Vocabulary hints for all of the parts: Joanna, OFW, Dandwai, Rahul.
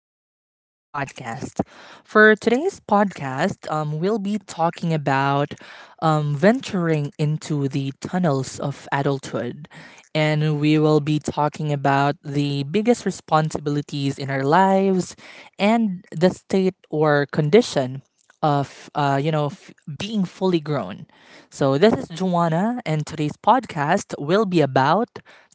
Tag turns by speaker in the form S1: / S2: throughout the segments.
S1: welcome to our podcast. For today's podcast, we'll be talking about venturing into the tunnels of adulthood. And we will be talking about the biggest responsibilities in our lives and the state or condition of being fully grown. So this is Joanna, and today's podcast will be about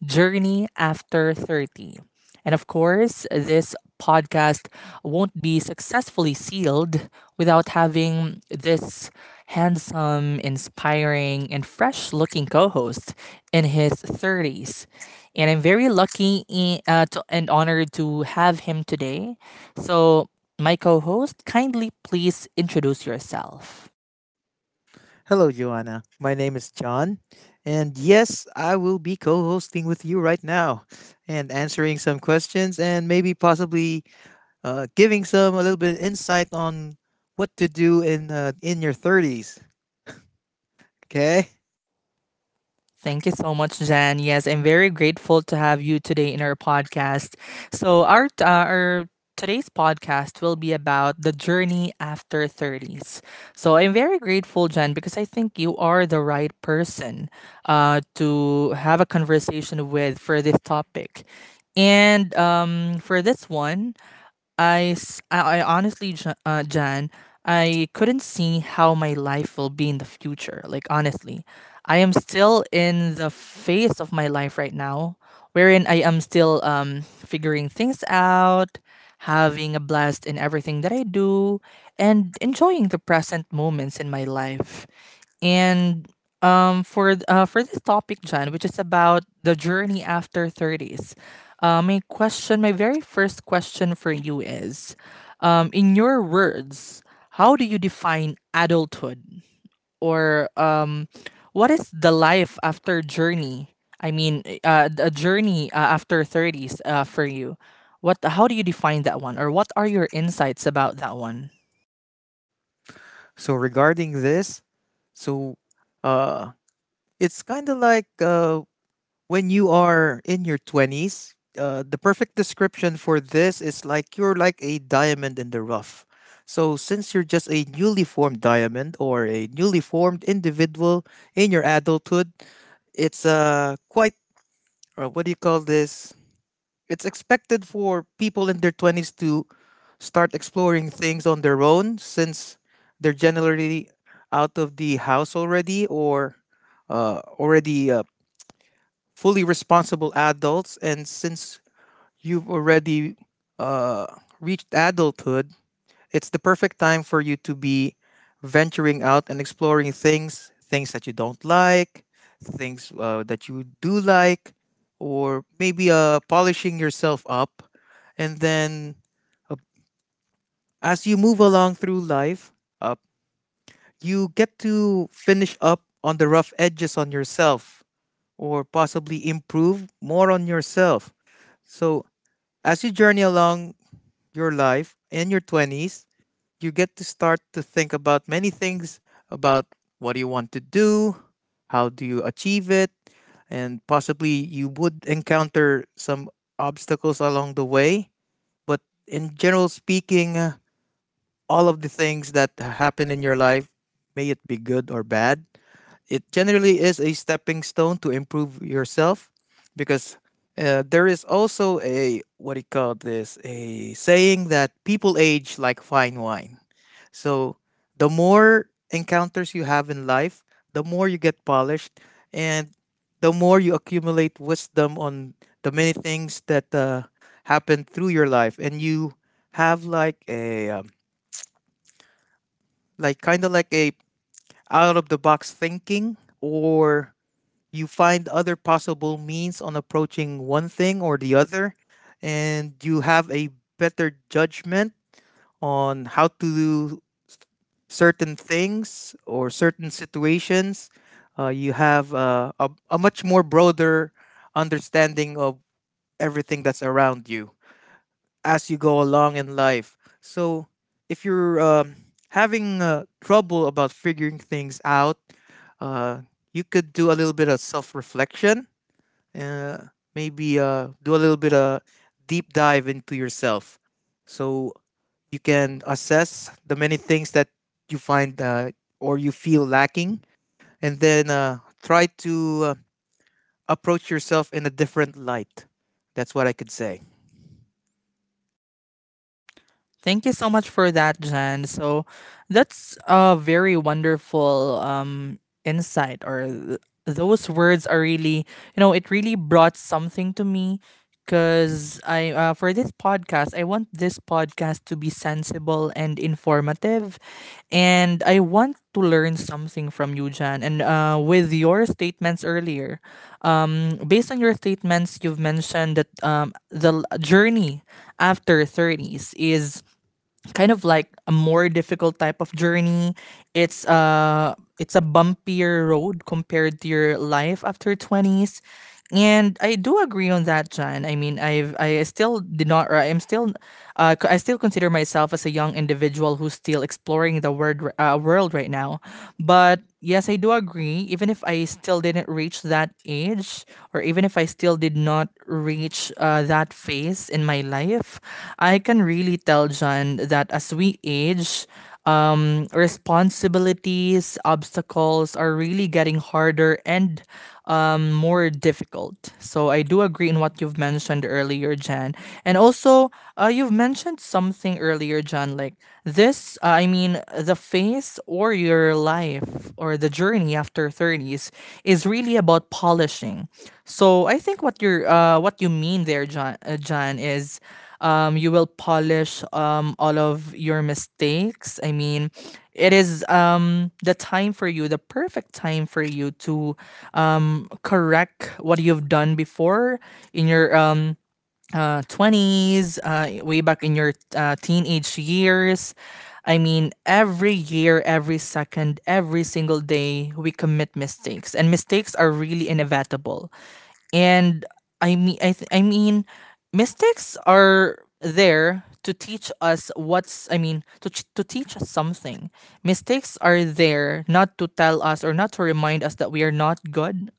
S1: journey after 30. And of course, this podcast won't be successfully sealed without having this handsome, inspiring, and fresh looking co host in his 30s. And I'm very lucky to, and honored to have him today. So, my co host, kindly please introduce yourself.
S2: Hello, Joanna. My name is John. And yes, I will be co hosting with you right now and answering some questions and maybe possibly giving some a little bit of insight on what to do in your 30s. Okay?
S1: Thank you so much, Jan. Yes, I'm very grateful to have you today in our podcast. So, our today's podcast will be about the journey after 30s. So, I'm very grateful, Jan, because I think you are the right person to have a conversation with for this topic. And for this one, I honestly, Jan, I couldn't see how my life will be in the future. Like, honestly, I am still in the phase of my life right now, wherein I am still figuring things out, having a blast in everything that I do, and enjoying the present moments in my life. And for this topic, John, which is about the journey after thirties, my question, my very first question for you is, in your words, how do you define adulthood, or what is the life after journey? I mean, a journey after thirties for you. What? How do you define that one, or what are your insights about that one?
S2: So, regarding this, so uh, it's kind of like when you are in your 20s, the perfect description for this is like you're like a diamond in the rough. So, since you're just a newly formed diamond or a newly formed individual in your adulthood, it's quite, what do you call this? It's expected for people in their 20s to start exploring things on their own since they're generally out of the house already or already fully responsible adults. And since you've already uh, reached adulthood, it's the perfect time for you to be venturing out and exploring things, things that you don't like, things that you do like, or maybe polishing yourself up. And then uh, as you move along through life, uh, you get to finish up on the rough edges on yourself or possibly improve more on yourself. So, as you journey along your life in your 20s, you get to start to think about many things about what do you want to do, how do you achieve it, and possibly you would encounter some obstacles along the way. But in general speaking, all of the things that happen in your life, may it be good or bad, it generally is a stepping stone to improve yourself because there is also a what do you call this a saying that people age like fine wine. So the more encounters you have in life, the more you get polished, and the more you accumulate wisdom on the many things that happen through your life, and you have like a like kind of like a out of the box thinking or you find other possible means on approaching one thing or the other, and you have a better judgment on how to do certain things or certain situations. You have a much more broader understanding of everything that's around you as you go along in life. So, if you're having trouble about figuring things out, uh, you could do a little bit of self reflection, uh, maybe do a little bit of deep dive into yourself so you can assess the many things that you find or you feel lacking, and then try to approach yourself in a different light. That's what I could say.
S1: Thank you so much for that, Jan. So that's a very wonderful insight, those words are really, you know, it really brought something to me. Because I, for this podcast, I want this podcast to be sensible and informative, and I want to learn something from you, Jan. And with your statements earlier, based on your statements, you've mentioned that journey after 30s is kind of like a more difficult type of journey. It's uh, it's a bumpier road compared to your life after 20s. And I do agree on that, Jan. I mean, I still did not, or I'm still I still consider myself as a young individual who's still exploring the word world right now. But yes, I do agree. Even if I still didn't reach that age, or even if I still did not reach that phase in my life, I can really tell John that as we age, responsibilities, obstacles are really getting harder and more difficult. So I do agree in what you've mentioned earlier, Jan. And also, you've mentioned something earlier, Jan, like this, I mean, the phase or your life or the journey after 30s is really about polishing. So I think what what you mean there, Jan is you will polish all of your mistakes. I mean, it is the time for you, the perfect time for you to correct what you've done before in your 20s, way back in your teenage years. I mean, every year, every second, every single day, we commit mistakes. And mistakes are really inevitable. And I mean, mystics are there to teach us what's. I mean, to teach us something. Mystics are there not to tell us or not to remind us that we are not good,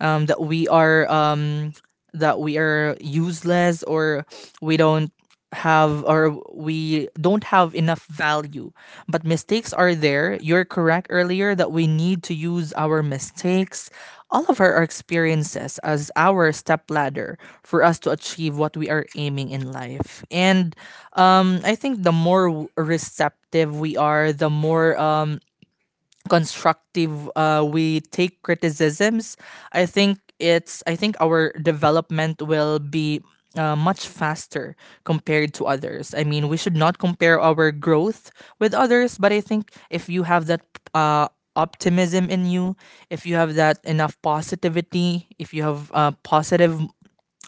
S1: um, that we are um, that we are useless, or we don't have or we don't have enough value. But mistakes are there. You're correct earlier that we need to use our mistakes, all of our experiences as our stepladder for us to achieve what we are aiming in life. And I think the more receptive we are, the more constructive we take criticisms, I think it's I think our development will be much faster compared to others. I mean, we should not compare our growth with others, but I think if you have that uh, optimism in you, if you have that enough positivity, if you have positive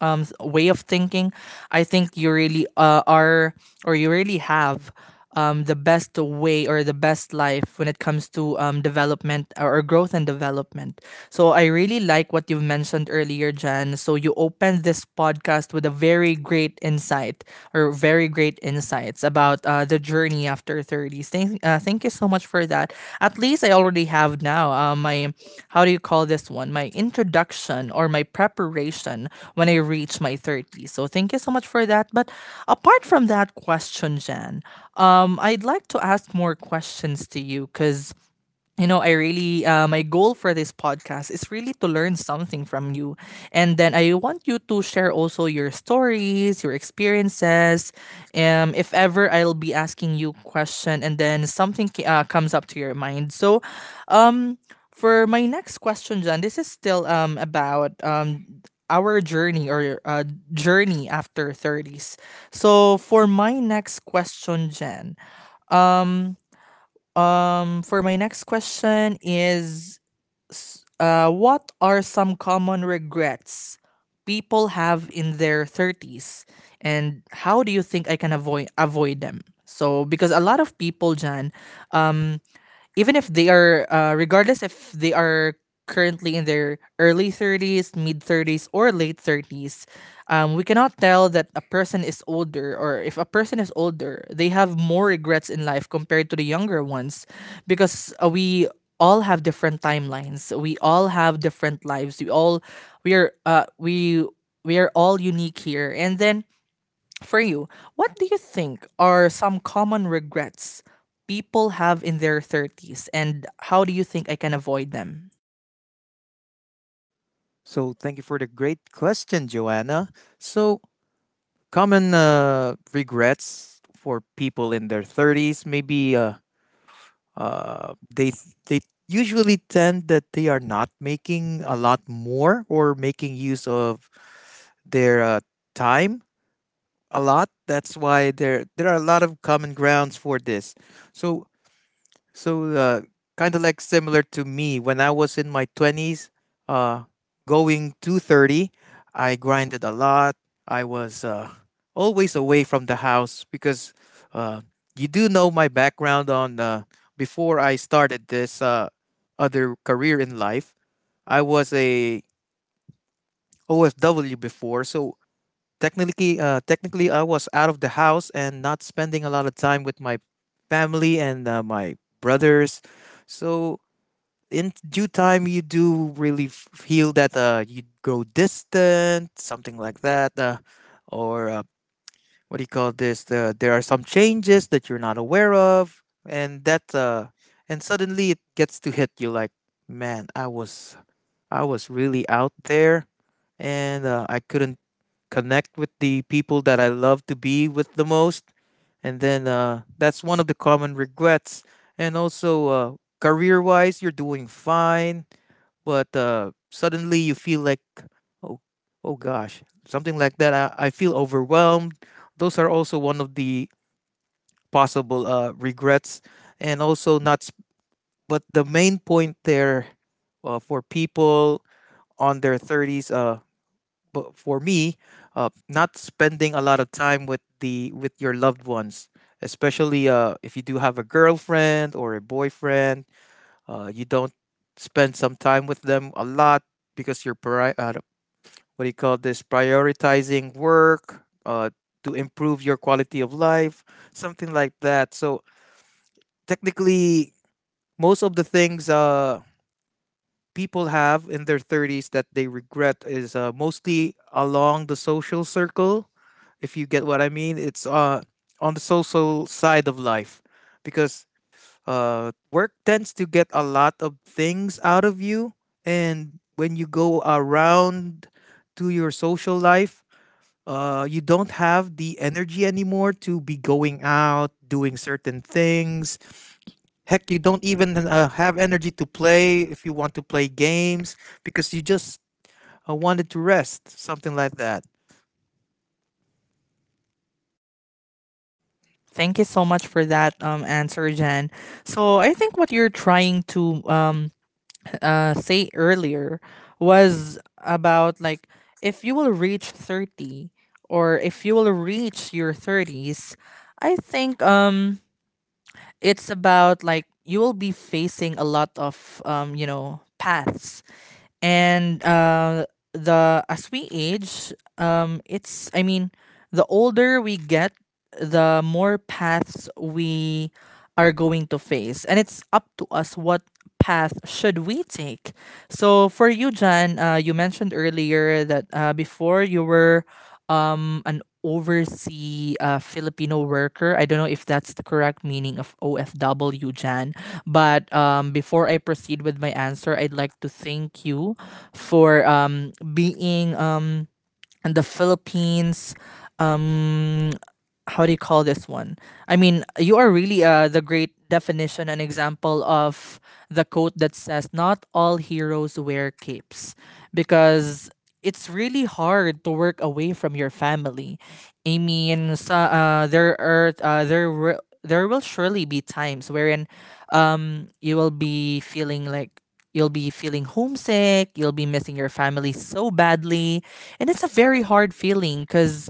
S1: way of thinking, I think you really are or you really have the best way or the best life when it comes to development or growth and development. So I really like what you've mentioned earlier, Jan. So you opened this podcast with a very great insight or very great insights about the journey after 30s. Thank you so much for that. At least I already have now my, how do you call this one? My introduction or my preparation when I reach my 30s. So thank you so much for that. But apart from that question, Jen, I'd like to ask more questions to you, because you know, I really, my goal for this podcast is really to learn something from you. And then I want you to share also your stories, your experiences. If ever I'll be asking you question and then something comes up to your mind. So, um, for my next question, John, this is still about our journey or journey after 30s. So, for my next question, Jen, um for my next question is, what are some common regrets people have in their thirties, and how do you think I can avoid them? So, because a lot of people, Jan, um, even if they are regardless if they are currently in their early 30s, mid 30s, or late 30s, we cannot tell that a person is older, or if a person is older, they have more regrets in life compared to the younger ones. Because we all have different timelines, we all have different lives, we are uh, we we are all unique here. And then for you, what do you think are some common regrets people have in their 30s, and how do you think I can avoid them?
S2: So thank you for the great question, Joanna. So common regrets for people in their 30s maybe uh, they they usually tend that they are not making a lot more or making use of their time a lot. That's why there are a lot of common grounds for this. So so, kind of like similar to me, when I was in my 20s, uh, going to 30, I grinded a lot. I was always away from the house because uh, you do know my background on before I started this other career in life. I was a OFW before, so technically, I was out of the house and not spending a lot of time with my family and my brothers. So in due time you do really feel that you grow distant, something like that, or what do you call this, the, there are some changes that you're not aware of, and that and suddenly it gets to hit you like, man, I was really out there, and I couldn't connect with the people that I love to be with the most. And then that's one of the common regrets. And also, career wise you're doing fine, but suddenly you feel like, oh, oh gosh, something like that. I feel overwhelmed. Those are also one of the possible regrets, and also not. S- but the main point there, for people on their thirties, but for me, not spending a lot of time with the with your loved ones, especially if you do have a girlfriend or a boyfriend, you don't spend some time with them a lot because what do you call this, prioritizing work to improve your quality of life, something like that. So technically most of the things, people have in their 30s that they regret is, mostly along the social circle, if you get what I mean. It's on the social side of life because work tends to get a lot of things out of you, and when you go around to your social life, you don't have the energy anymore to be going out, doing certain things. Heck, you don't even have energy to play if you want to play games because you just wanted to rest, something like that.
S1: Thank you so much for that answer, Jan. So, I think what you're trying to say earlier was about like if you will reach 30, or if you will reach your 30s, I think it's about like you will be facing a lot of, you know, paths. And the as we age, it's, I mean, the older we get, the more paths we are going to face, and it's up to us what path should we take. So for you, John, you mentioned earlier that before you were an overseas Filipino worker, I don't know if that's the correct meaning of OFW, Jan, but before I proceed with my answer, I'd like to thank you for being and the Philippines. Um, how do you call this one? I mean, you are really the great definition and example of the quote that says, "Not all heroes wear capes," because it's really hard to work away from your family. I mean, sa, there are there were. There will surely be times wherein you will be feeling like you'll be feeling homesick, you'll be missing your family so badly, and it's a very hard feeling because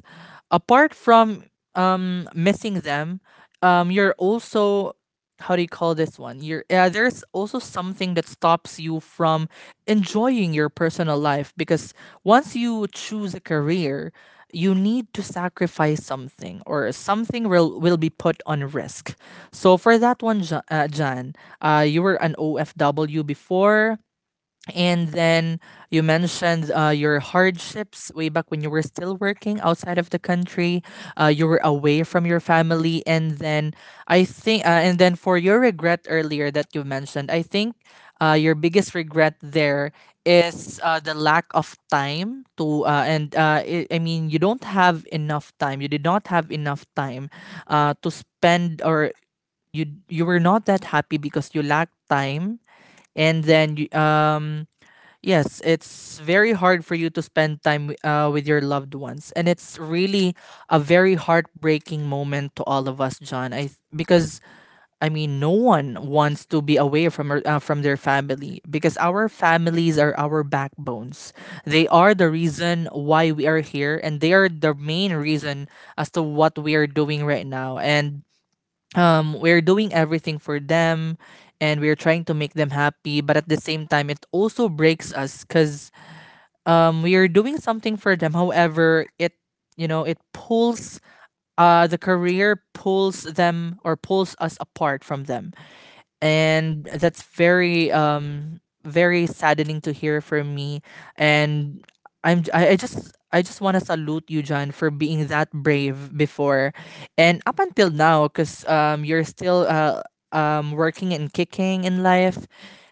S1: apart from missing them, you're also, how do you call this one? You're there's also something that stops you from enjoying your personal life, because once you choose a career, you need to sacrifice something, or something will be put on risk. So for that one, Jan, you were an OFW before, and then you mentioned your hardships way back when you were still working outside of the country. You were away from your family, and then I think, and then for your regret earlier that you mentioned, I think your biggest regret there is the lack of time to, and I mean, you don't have enough time. You did not have enough time to spend, or you were not that happy because you lacked time, and then you um. Yes, it's very hard for you to spend time with your loved ones, and it's really a very heartbreaking moment to all of us, John. Because I mean, no one wants to be away from from their family, because our families are our backbones. They are the reason why we are here, and they are the main reason as to what we are doing right now. And we're doing everything for them, and we're trying to make them happy. But at the same time, it also breaks us because we are doing something for them. However, it it pulls, the career pulls them or pulls us apart from them, and that's very very saddening to hear from me. And I'm j- I just want to salute you, John, for being that brave before and up until now because you're still working and kicking in life.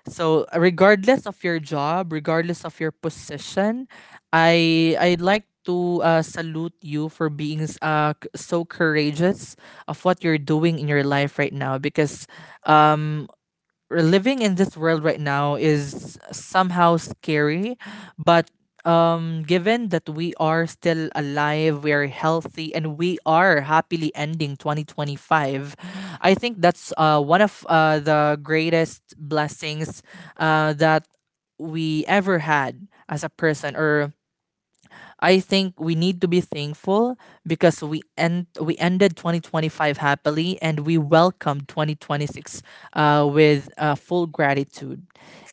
S1: So regardless of your job, regardless of your position, I'd like to salute you for being so courageous of what you're doing in your life right now, because um we living in this world right now is somehow scary. But given that we are still alive, we are healthy, and we are happily ending 2025, I think that's one of the greatest blessings that we ever had as a person. Or I think we need to be thankful because we end we ended 2025 happily and we welcomed 2026 with full gratitude.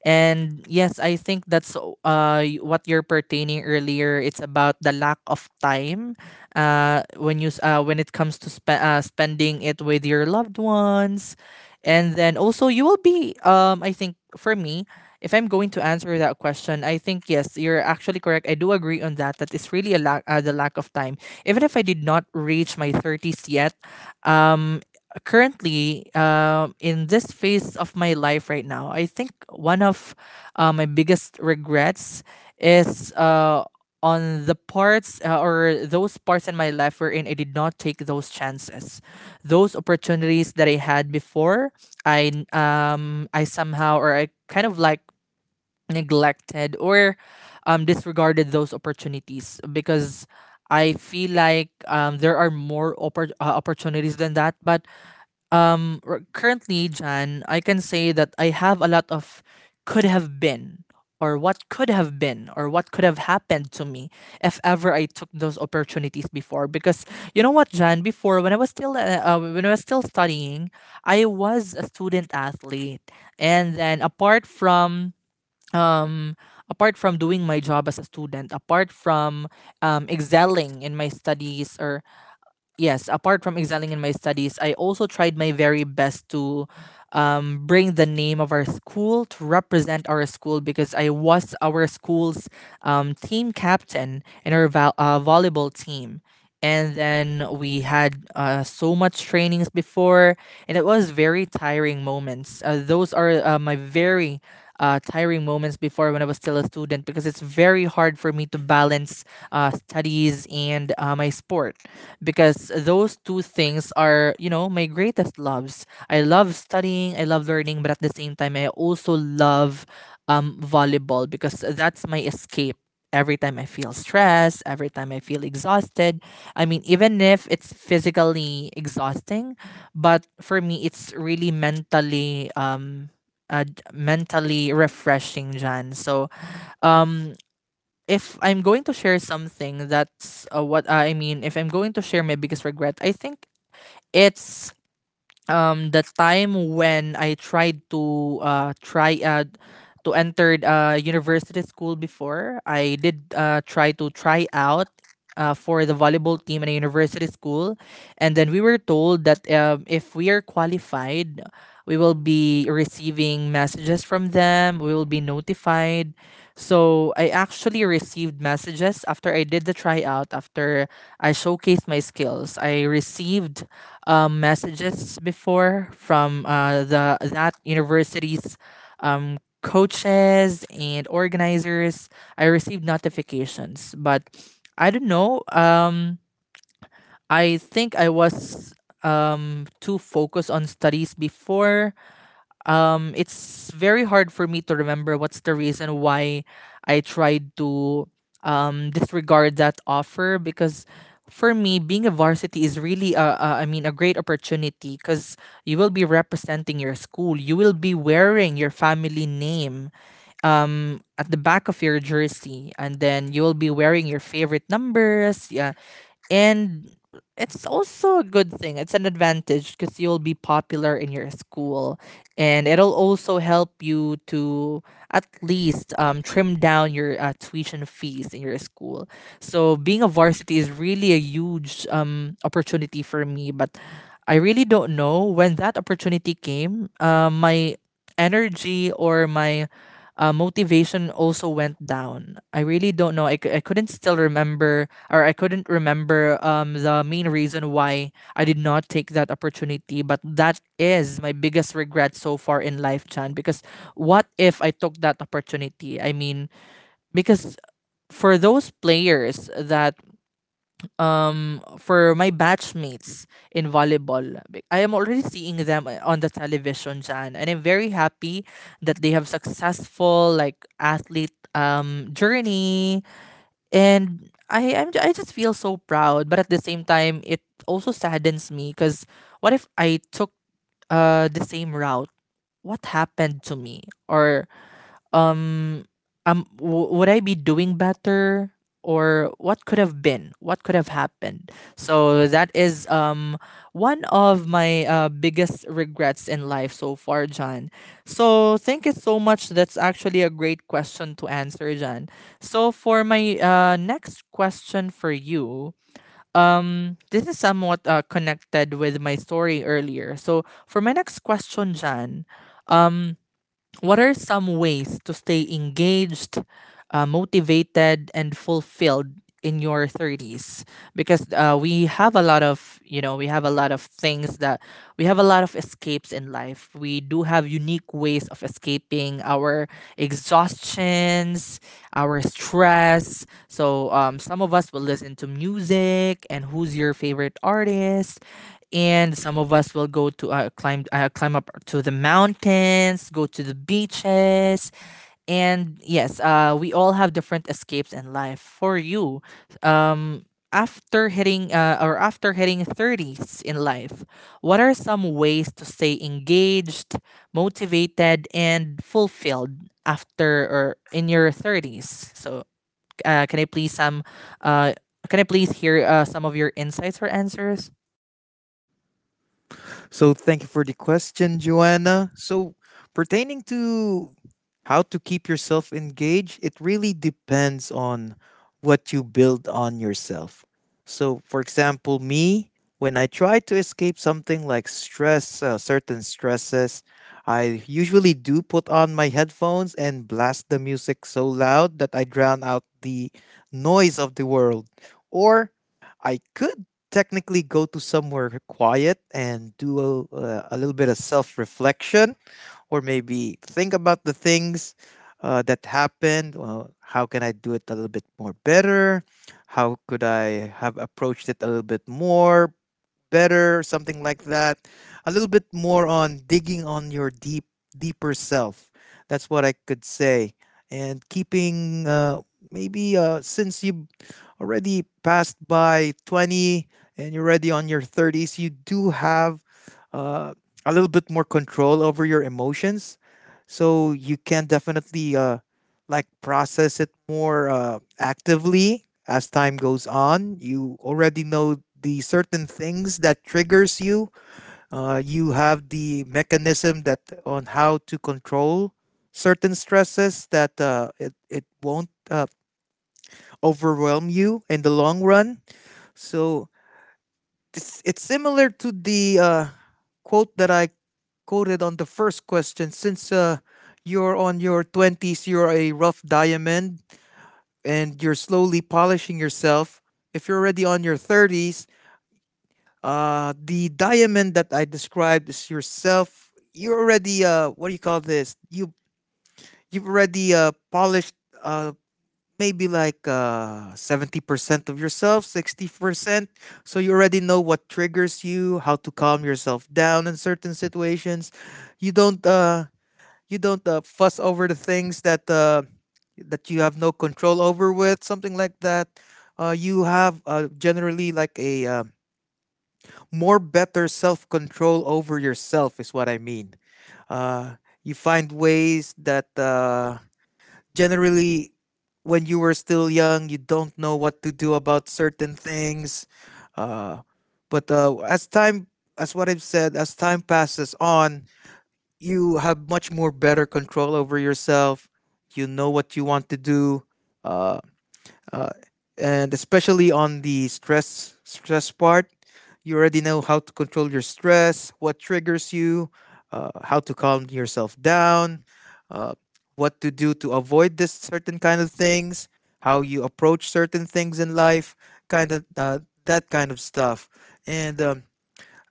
S1: And yes, I think that's what you're pertaining earlier. It's about the lack of time when when it comes to spending it with your loved ones. And then also you will be I think for me, if I'm going to answer that question, I think yes, you're actually correct. I do agree on that. That it's really a lack, the lack of time. Even if I did not reach my thirties yet, um, currently, in this phase of my life right now, I think one of my biggest regrets is on the parts, or those parts in my life wherein I did not take those chances, those opportunities that I had before. I somehow, or I kind of like neglected or disregarded those opportunities because I feel like there are more opportunities than that. But currently, Jan, I can say that I have a lot of could have been, or what could have been, or what could have happened to me if ever I took those opportunities before. Because you know what, Jan, before when I was still when I was still studying, I was a student athlete, and then um apart from doing my job as a student, apart from excelling in my studies, or yes, apart from excelling in my studies, I also tried my very best to bring the name of our school, to represent our school, because I was our school's team captain in our volleyball team. And then we had so much trainings before, and it was very tiring moments. Those are my very tiring moments before when I was still a student, because it's very hard for me to balance studies and my sport, because those two things are, you know, my greatest loves. I love studying, I love learning, but at the same time, I also love volleyball because that's my escape. Every time I feel stressed, every time I feel exhausted. I mean, even if it's physically exhausting, but for me, it's really mentally uh, mentally refreshing, Jan. So, um, if I'm going to share something that's what I mean, if I'm going to share my biggest regret, I think it's the time when I tried to try to enter university school. Before, I did try out for the volleyball team in a university school, and then we were told that if we are qualified, we will be receiving messages from them, we will be notified. So I actually received messages after I did the tryout, after I showcased my skills. I received messages before from the that university's coaches and organizers. I received notifications, but I don't know. I think I was too focused on studies before. Um, it's very hard for me to remember what's the reason why I tried to disregard that offer, because for me, being a varsity is really a I mean a great opportunity, cuz you will be representing your school, you will be wearing your family name at the back of your jersey, and then you will be wearing your favorite numbers, yeah. And it's also a good thing. It's an advantage because you'll be popular in your school, and it'll also help you to at least trim down your tuition fees in your school. So being a varsity is really a huge opportunity for me, but I really don't know. When that opportunity came, my energy or my motivation also went down. I really don't know. I couldn't still remember, or I couldn't remember the main reason why I did not take that opportunity. But that is my biggest regret so far in life, Chan. Because what if I took that opportunity? I mean, because for those players that for my batchmates in volleyball, I am already seeing them on the television, Jan, and I'm very happy that they have successful like athlete journey. And I just feel so proud, but at the same time, it also saddens me because what if I took the same route? What happened to me? Or um would I be doing better, or what could have been, what could have happened? So that is one of my biggest regrets in life so far, John. So thank you so much, that's actually a great question to answer, John. So for my next question for you, this is somewhat connected with my story earlier. So for my next question, John, um what are some ways to stay engaged, motivated, and fulfilled in your 30s? Because we have a lot of, you know, we have a lot of things that we have a lot of escapes in life. We do have unique ways of escaping our exhaustions, our stress. So some of us will listen to music. And who's your favorite artist? And some of us will go to climb up to the mountains, go to the beaches, and yes, we all have different escapes in life. For you, um, after hitting or after hitting thirties in life, what are some ways to stay engaged, motivated, and fulfilled after or in your thirties? So, uh, can I please some, uh, can I please hear some of your insights or answers?
S2: So thank you for the question, Joanna. So pertaining to how to keep yourself engaged, it really depends on what you build on yourself. So for example, me, when I try to escape something like stress, certain stresses, I usually do put on my headphones and blast the music so loud that I drown out the noise of the world. Or I could technically go to somewhere quiet and do a little bit of self reflection, or maybe think about the things that happened. Well, how can I do it a little bit more better? How could I have approached it a little bit more better, something like that. A little bit more on digging on your deeper self. That's what I could say. And keeping maybe since you already passed by 20 and you're already on your 30s, you do have uh, a little bit more control over your emotions. So you can definitely like process it more actively. As time goes on, you already know the certain things that triggers you. You have the mechanism that on how to control certain stresses, that it won't overwhelm you in the long run. So it's similar to the quote that I quoted on the first question. Since you're on your 20s, you're a rough diamond, and you're slowly polishing yourself. If you're already on your 30s, the diamond that I described is yourself. You already what do you call this? You've already polished uh maybe like 70% of yourself, 60%. So you already know what triggers you, how to calm yourself down in certain situations. You don't uh you don't fuss over the things that you have no control over with, something like that. You have generally like a more better self control over yourself is what I mean. Uh, you find ways that generally, when you were still young, you don't know what to do about certain things. Uh, but as what I've said, as time passes on, you have much more better control over yourself. You know what you want to do, uh, uh, and especially on the stress part, you already know how to control your stress, what triggers you, how to calm yourself down, uh, what to do to avoid this certain kind of things, how you approach certain things in life, kind of that kind of stuff. And um,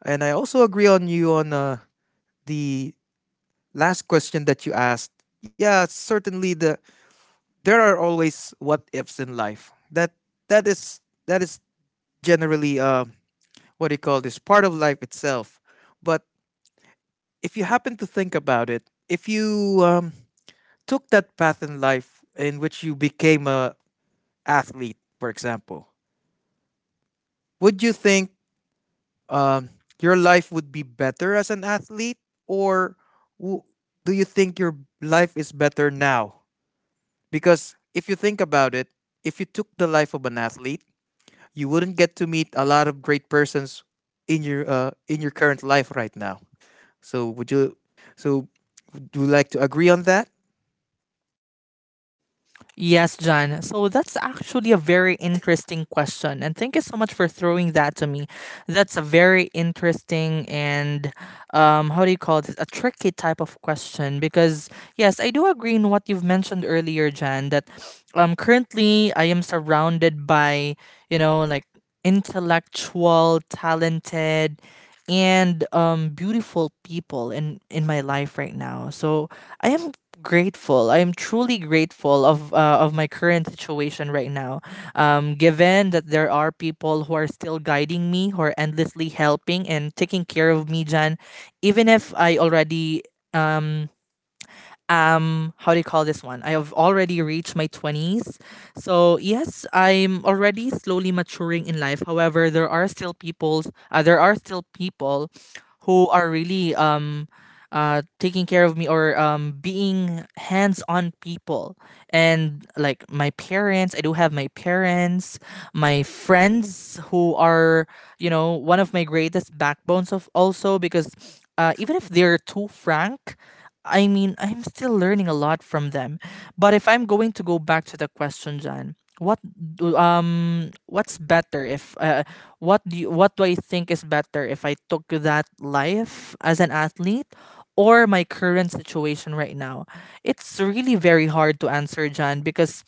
S2: and I also agree on you on the last question that you asked. Yeah, certainly the there are always what ifs in life. That is that is generally what do you call this, part of life itself. But if you happen to think about it, if you took that path in life in which you became a athlete, for example, would you think um, your life would be better as an athlete, or w- do you think your life is better now? Because if you think about it, if you took the life of an athlete, you wouldn't get to meet a lot of great persons in your current life right now. So would you? So would you like to agree on that?
S1: Yes, John. So that's actually a very interesting question. And thank you so much for throwing that to me. That's a very interesting and, how do you call it, a tricky type of question. Because, yes, I do agree in what you've mentioned earlier, Jan, that currently I am surrounded by, you know, like intellectual, talented, and beautiful people in my life right now. So I am grateful. I'm truly grateful of my current situation right now. Given that there are people who are still guiding me, who are endlessly helping and taking care of me, Jan, even if I already um how do you call this one, I have already reached my 20s. So yes, I'm already slowly maturing in life. However, there are still people, there are still people who are really taking care of me, or being hands-on people, and like my parents, I do have my parents, my friends, who are, you know, one of my greatest backbones of also, because even if they're too frank, I mean, I'm still learning a lot from them. But if I'm going to go back to the question, Jan, what's better if what do I think is better if I took that life as an athlete or my current situation right now? It's really very hard to answer, Jan, because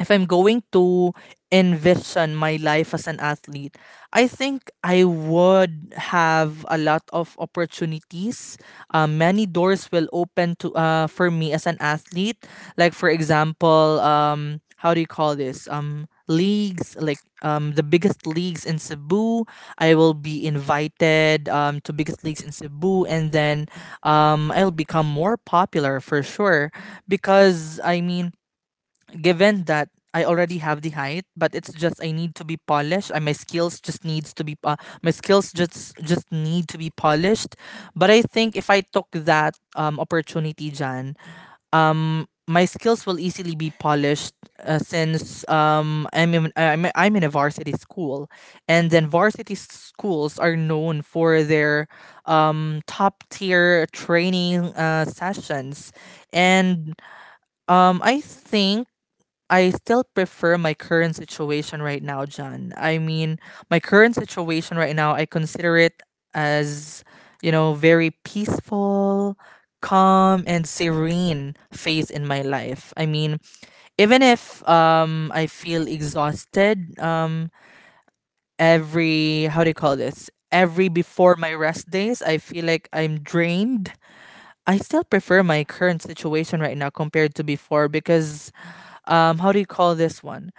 S1: if I'm going to envision my life as an athlete, I think I would have a lot of opportunities. Many doors will open to for me as an athlete. Like for example, how do you call this? Leagues like the biggest leagues in Cebu. I will be invited to biggest leagues in Cebu, and then I'll become more popular for sure because I mean, given that I already have the height, but it's just I need to be polished. And my skills just needs to be my skills just need to be polished. But I think if I took that opportunity, Jan, my skills will easily be polished, since I'm in a varsity school, and then schools are known for their top tier training sessions, and I think I still prefer my current situation right now, John. I mean, my current situation right now, I consider it as, very peaceful, calm, and serene phase in my life. I mean, even if I feel exhausted, every how do you call this? Every before my rest days, I feel like I'm drained. I still prefer my current situation right now compared to before. Because how do you call this one?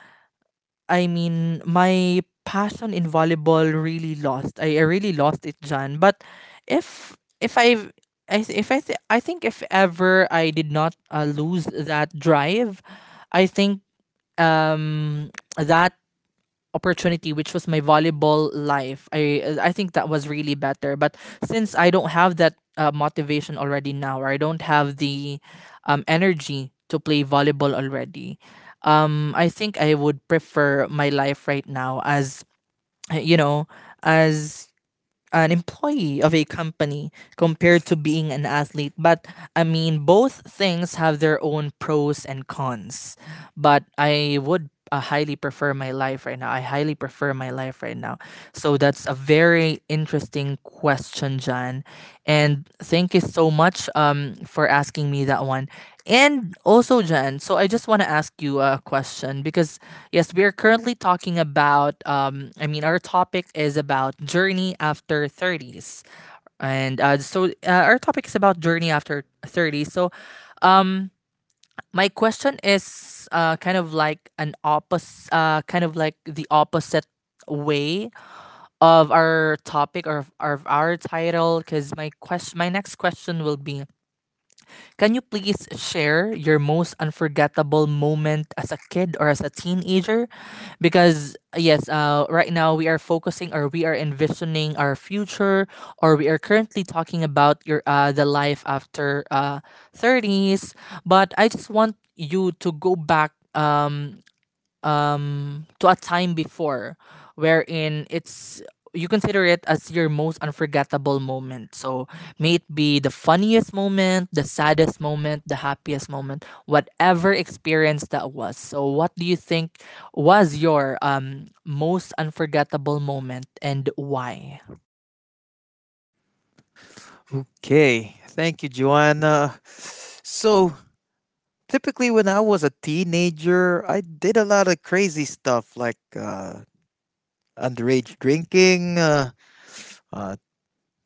S1: I mean, my passion in volleyball really lost. I really lost it, Jan. But if I've I, th- if I, th- I think if ever I did not lose that drive, I think, um, that opportunity, which was my volleyball life, I think that was really better. But since I don't have that motivation already now, or I don't have the energy to play volleyball already, I think I would prefer my life right now as, you know as an employee of a company compared to being an athlete. But I mean, both things have their own pros and cons. But I would highly prefer my life right now. I highly prefer my life right now. So that's a very interesting question, John. And thank you so much for asking me that one. And also, John, so I just want to ask you a question. Because Yes, we are currently talking about. I mean, our topic is about journey after thirties, and our topic is about journey after thirty. So, um, my question is kind of like the opposite way of our topic, or of our title. Because my question My next question will be, can you please share your most unforgettable moment as a kid or as a teenager? Because yes, right now we are focusing, or we are envisioning our future, or we are currently talking about your the life after thirties. But I just want you to go back to a time before, wherein it's you consider it as your most unforgettable moment. So may it be the funniest moment, the saddest moment, the happiest moment, whatever experience that was. So what do you think was your most unforgettable moment, and why?
S2: Okay, thank you, Joanna. So, typically, when I was a teenager, I did a lot of crazy stuff like underage drinking, uh,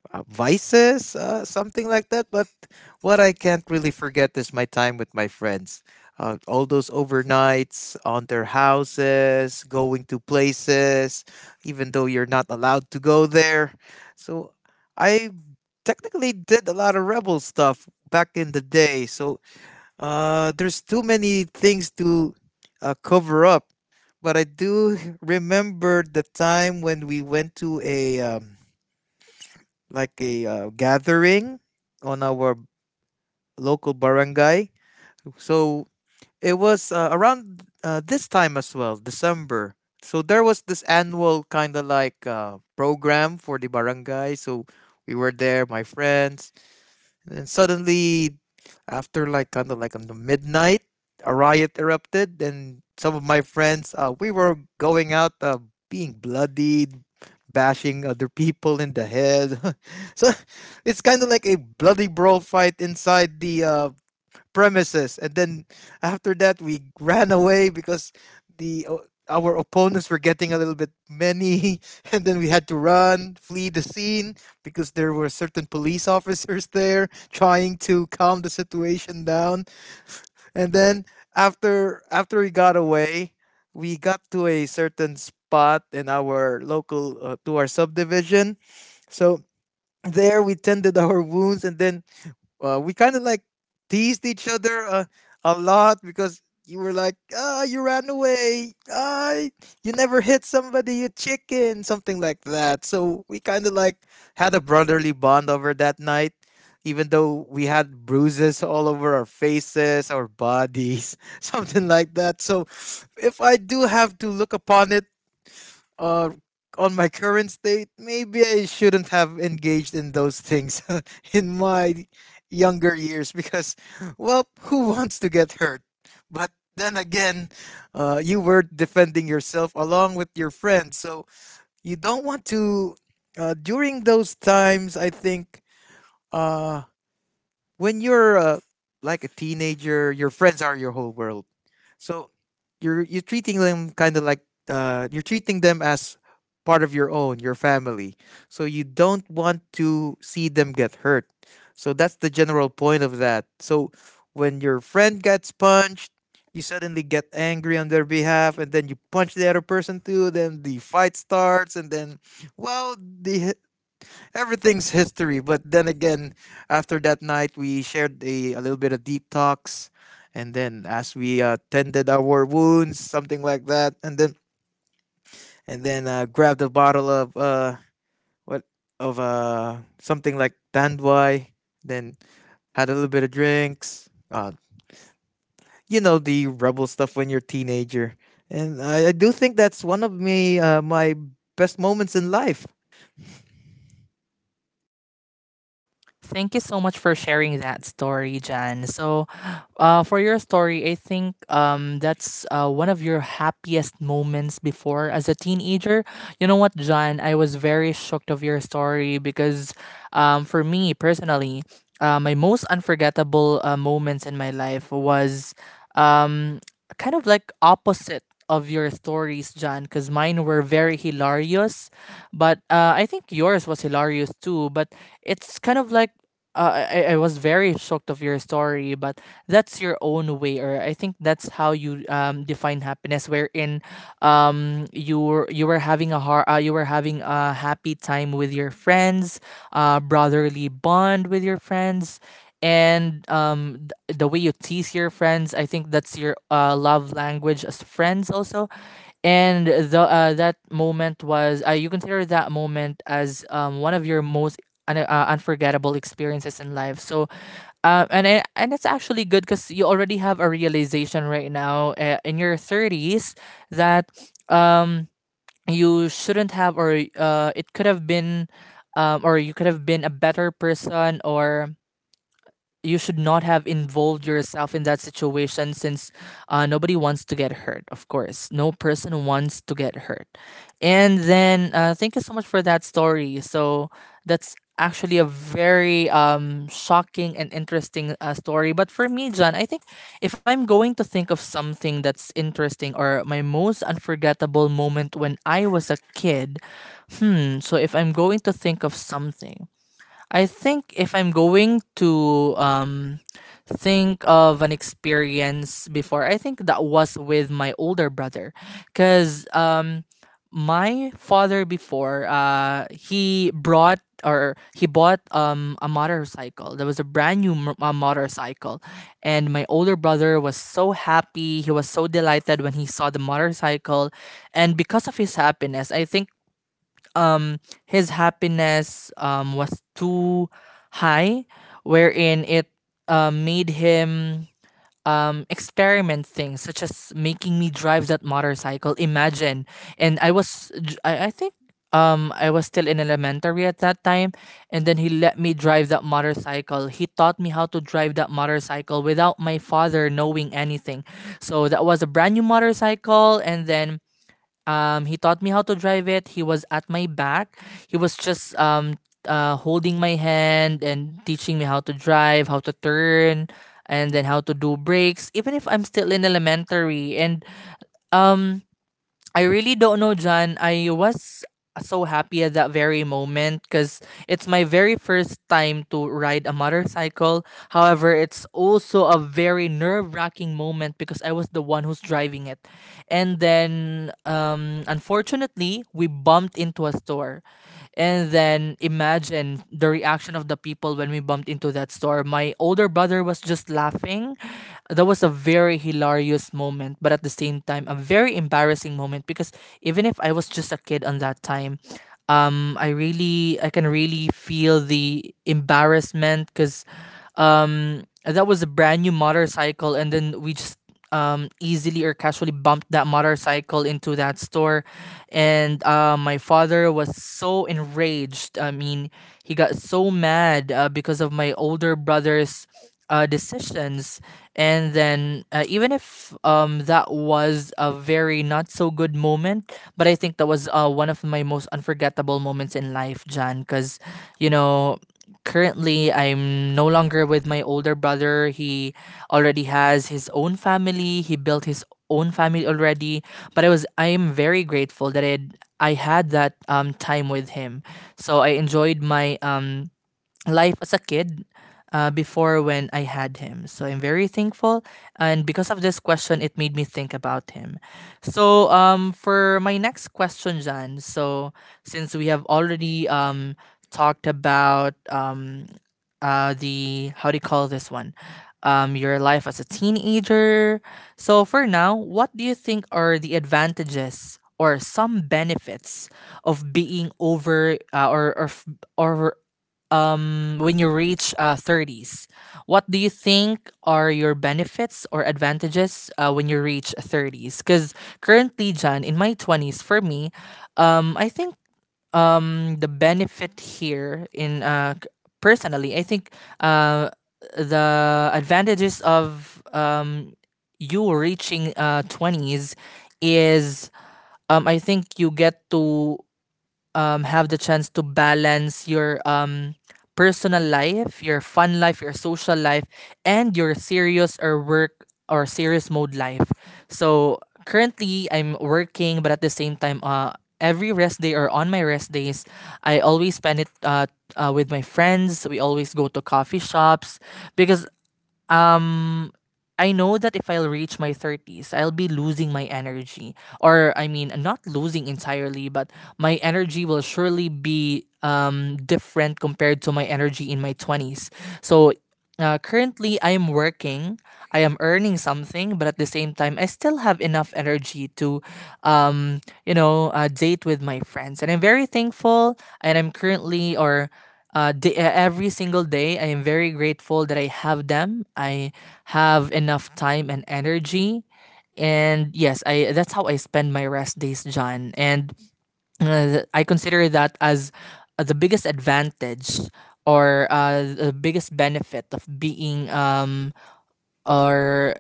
S2: vices, something like that. But what I can't really forget is my time with my friends. All those overnights on their houses, going to places, even though you're not allowed to go there. So I technically did a lot of rebel stuff back in the day. So there's too many things to cover up. But I do remember the time when we went to a like a gathering on our local barangay. So it was around this time as well, December. So there was this annual kind of like program for the barangay. So we were there, my friends, and then suddenly, after like kind of like on the midnight, a riot erupted, and some of my friends, we were going out, being bloodied, bashing other people in the head. So it's kind of like a bloody brawl fight inside the premises, and then after that we ran away because our opponents were getting a little bit many and then we had to run flee the scene because there were certain police officers there trying to calm the situation down. And then after we got away, we got to a certain spot in our local, to our subdivision. So there we tended our wounds, and then we kind of like teased each other a lot because you were like, ah, you ran away. Ah, you never hit somebody, you chicken, something like that. So we kind of like had a brotherly bond over that night, even though we had bruises all over our faces, our bodies, something like that. So if I do have to look upon it, uh, on my current state, maybe I shouldn't have engaged in those things in my younger years because, well, who wants to get hurt? But then again, you were defending yourself along with your friends, so you don't want to. During those times, I think. Uh, when you're like a teenager, your friends are your whole world. So you're treating them kind of like you're treating them as part of your own, your family. So you don't want to see them get hurt. So that's the general point of that. So when your friend gets punched, you suddenly get angry on their behalf, and then you punch the other person too. Then the fight starts, and then well, the everything's history. But then again, after that night, we shared a little bit of deep talks, and then as we tended our wounds, something like that, and then and then grabbed a bottle of what of something like Dandwai. Then had a little bit of drinks. You know, the rebel stuff when you're a teenager, and I do think that's one of me my best moments in life.
S1: Thank you so much for sharing that story, Jan. So, for your story, I think that's one of your happiest moments before as a teenager. You know what, Jan? I was very shocked of your story because for me personally, my most unforgettable moments in my life was, um, kind of like opposite of your stories, Jan, because mine were very hilarious. But I think yours was hilarious too. But it's kind of like, uh, I was very shocked of your story. But that's your own way, or I think that's how you define happiness, wherein, you were having a happy time with your friends, brotherly bond with your friends, and the way you tease your friends, I think that's your love language as friends also. And the that moment was, you consider that moment as, one of your most unforgettable experiences in life. So, and it, and it's actually good because you already have a realization right now in your thirties, that um you shouldn't have, or it could have been, or you could have been a better person, or you should not have involved yourself in that situation, since nobody wants to get hurt. Of course, no person wants to get hurt. And then thank you so much for that story. So that's actually a very shocking and interesting story. But for me, John, I think if I'm going to think of something that's interesting, or my most unforgettable moment when I was a kid, so if I'm going to think of something, I think if I'm going to think of an experience before, I think that was with my older brother, cuz my father before, he brought or he bought a motorcycle. There was a brand new motorcycle, and my older brother was so happy. He was so delighted when he saw the motorcycle. And because of his happiness, I think, um his happiness was too high, wherein it made him experiment things, such as making me drive that motorcycle. Imagine. And I think I was still in elementary at that time. And then he let me drive that motorcycle. He taught me how to drive that motorcycle without my father knowing anything. So that was a brand new motorcycle. And then, he taught me how to drive it. He was at my back. He was just holding my hand and teaching me how to drive, how to turn, and then how to do brakes. Even if I'm still in elementary. And um, I really don't know, John. I was so happy at that very moment because it's my very first time to ride a motorcycle. However, it's also a very nerve wracking moment because I was the one who's driving it. And then unfortunately we bumped into a store. And then imagine the reaction of the people when we bumped into that store. My older brother was just laughing. That was a very hilarious moment, but at the same time a very embarrassing moment, because even if I was just a kid on that time, I can really feel the embarrassment because, that was a brand new motorcycle, and then we just easily or casually bumped that motorcycle into that store. And my father was so enraged. I mean, he got so mad because of my older brother's decisions. And then even if that was a very not so good moment, but I think that was one of my most unforgettable moments in life, Jan, because, you know, currently I'm no longer with my older brother. He already has his own family. He built his own family already. But I was I am very grateful that I had that time with him. So I enjoyed my life as a kid before, when I had him. So I'm very thankful. And because of this question, it made me think about him. So for my next question, Jan, so since we have already talked about, the, how do you call this one? Your life as a teenager. So for now, what do you think are the advantages or some benefits of being over or f- or when you reach 30s? What do you think are your benefits or advantages when you reach 30s? Because currently, John, in my 20s, for me, I think, the benefit here in personally, I think uh, the advantages of, you reaching 20s is, I think you get to have the chance to balance your personal life, your fun life, your social life, and your serious or work or serious mode life. So currently, I'm working, but at the same time, every rest day or on my rest days, I always spend it with my friends. We always go to coffee shops because um I know that if I'll reach my 30s, I'll be losing my energy. Or, I mean, not losing entirely, but my energy will surely be different compared to my energy in my 20s. So, currently, I am working, I am earning something, but at the same time, I still have enough energy to, date with my friends. And I'm very thankful. And I'm currently, or day, every single day, I am very grateful that I have them. I have enough time and energy. And yes, I that's how I spend my rest days, John. And I consider that as the biggest advantage, or the biggest benefit of being, or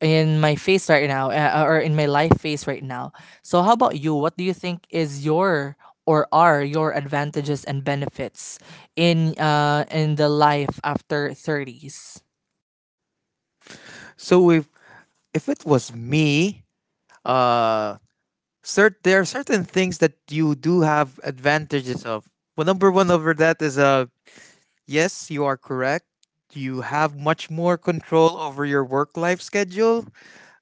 S1: in my face right now, or in my life phase right now. So how about you? What do you think is your, or are your advantages and benefits in the life after 30s?
S2: So if it was me, uh, cert there are certain things that you do have advantages of. Well, number one over that is yes, you are correct. You have much more control over your work life schedule.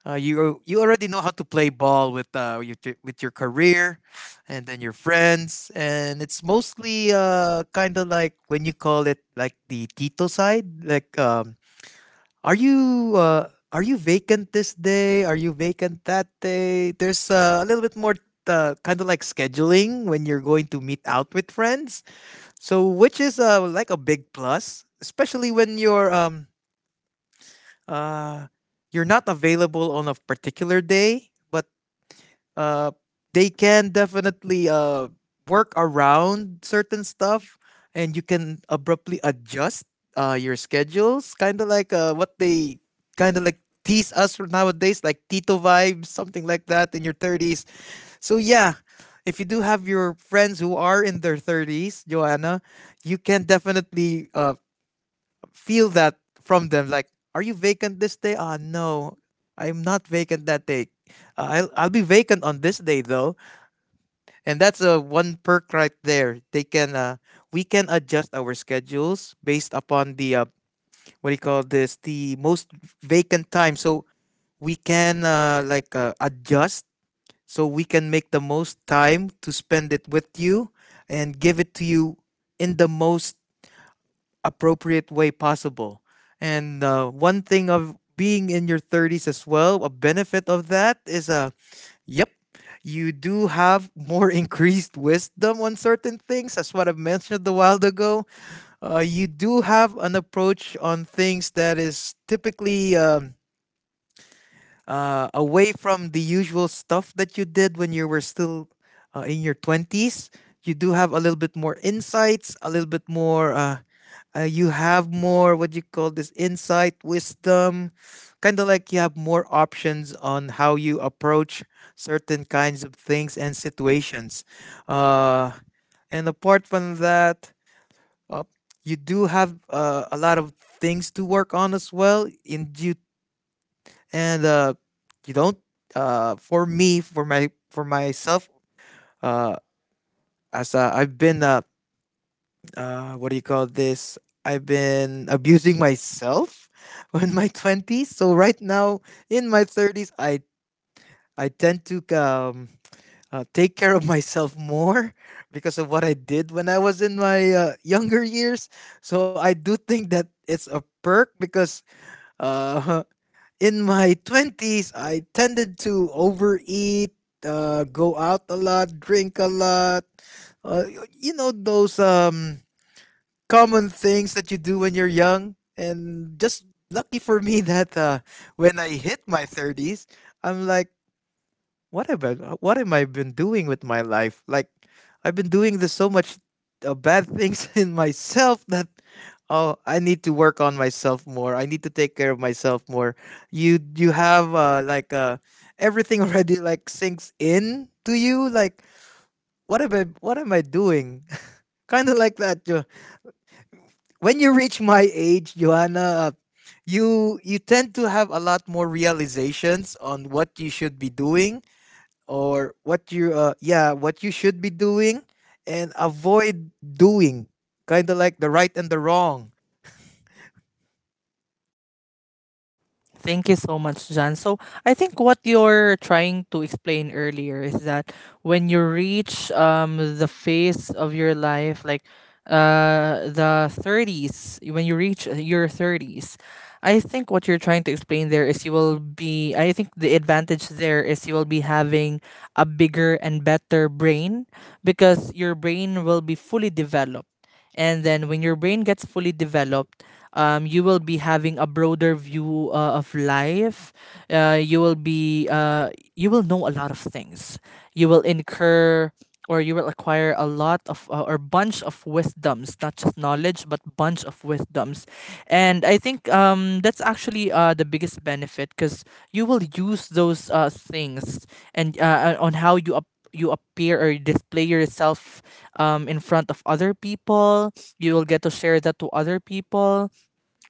S2: You already know how to play ball with with your career, and then your friends, and it's mostly kind of like when you call it like the Tito side, like are you vacant this day? Are you vacant that day? There's a little bit more kind of like scheduling when you're going to meet out with friends. So which is like a big plus, especially when uh you're not available on a particular day, but uh, they can definitely work around certain stuff, and you can abruptly adjust your schedules kind of like what they kind of like tease us for nowadays, like Tito vibes, something like that in your 30s. So yeah, if you do have your friends who are in their 30s, Joanna, you can definitely feel that from them like, are you vacant this day? Ah, no, I'm not vacant that day. Uh, I'll be vacant on this day though. And that's a one perk right there. They can we can adjust our schedules based upon the what do you call this, the most vacant time. So we can like adjust so we can make the most time to spend it with you and give it to you in the most appropriate way possible. And one thing of being in your 30s as well, a benefit of that is yep. You do have more increased wisdom on certain things, as what I mentioned a while ago. You do have an approach on things that is typically away from the usual stuff that you did when you were still in your 20s. You do have a little bit more insights, a little bit more you have more, what do you call this, insight, wisdom. Kind of like you have more options on how you approach certain kinds of things and situations. uh, and apart from that, uh, you do have a lot of things to work on as well in due, and you don't. For me, for my for myself, uh, as I've been what do you call this? I've been abusing myself in my twenties. So right now in my thirties, I tend to take care of myself more because of what I did when I was in my younger years. So I do think that it's a perk because uh, in my 20s, I tended to overeat, go out a lot, drink a lot. You know, those common things that you do when you're young. And just lucky for me that when I hit my 30s, I'm like, what have I, what am I been doing with my life? Like, I've been doing this so much bad things in myself that, oh, I need to work on myself more. I need to take care of myself more. You have everything already like sinks in to you. Like, what am I doing? Kind of like that. When you reach my age, Johanna. You you tend to have a lot more realizations on what you should be doing, or what you yeah, what you should be doing and avoid doing, kind of like the right and the wrong.
S1: Thank you so much, Jan. So I think what you're trying to explain earlier is that when you reach the phase of your life, like the 30s. When you reach your 30s, I think what you're trying to explain there is you will be I think the advantage there is you will be having a bigger and better brain because your brain will be fully developed. And then when your brain gets fully developed, you will be having a broader view of life. Uh, you will be uh, you will know a lot of things. You will incur or you will acquire a lot of or bunch of wisdoms, not just knowledge, but bunch of wisdoms. And I think that's actually the biggest benefit because you will use those things and on how you you appear or display yourself in front of other people. You will get to share that to other people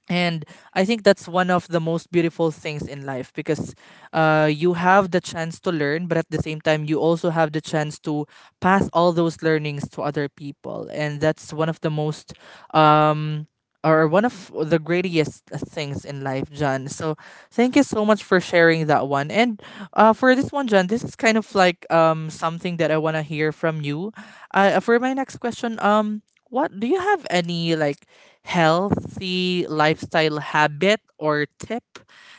S1: and I think that's one of the most beautiful things in life because you have the chance to learn, but at the same time you also have the chance to pass all those learnings to other people, and that's one of the most um, or one of the greatest things in life, John. So thank you so much for sharing that one. And for this one, John, this is kind of like something that I want to hear from you for my next question. What do you have any like healthy lifestyle habit or tip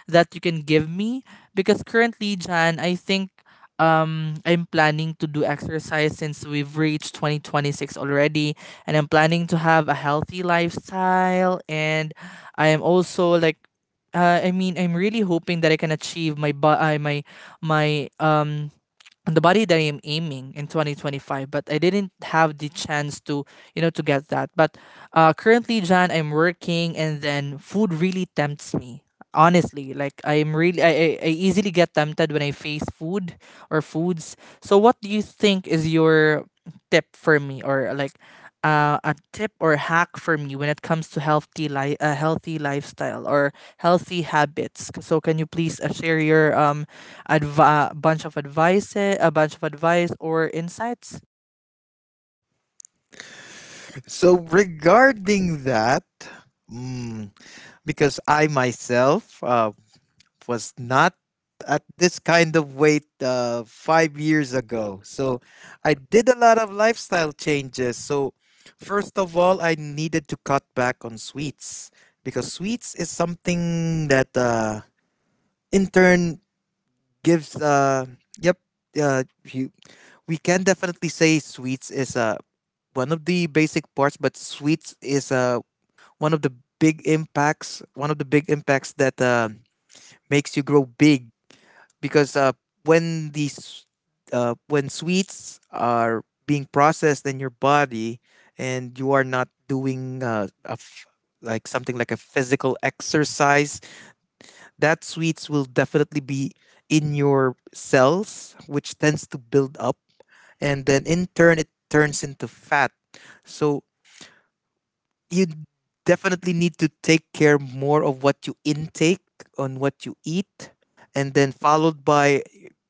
S1: that you can give me? Because currently, Jan, I think I'm planning to do exercise since we've reached 2026 already, and I'm planning to have a healthy lifestyle. And I am also like I'm really hoping that I can achieve my my my and the body that I'm aiming in 2025, but I didn't have the chance to, to get that. But currently, Jan, I'm working, and then food really tempts me. Honestly, like I'm really, I easily get tempted when I face food or foods. So, what do you think is your tip for me? Or like a tip or hack for me when it comes to healthy a healthy lifestyle or healthy habits? So, can you please share your a bunch of advice, a bunch of advice or insights.
S2: So regarding that, mm, because I myself was not at this kind of weight 5 years ago. So I did a lot of lifestyle changes. So first of all, I needed to cut back on sweets because sweets is something that in turn gives uh, yep, uh you, we can definitely say sweets is one of the basic parts, but sweets is one of the one of the big impacts that makes you grow big because when these when sweets are being processed in your body, and you are not doing like something like a physical exercise, that sweets will definitely be in your cells, which tends to build up. And then in turn, it turns into fat. So you definitely need to take care more of what you intake, on what you eat, and then followed by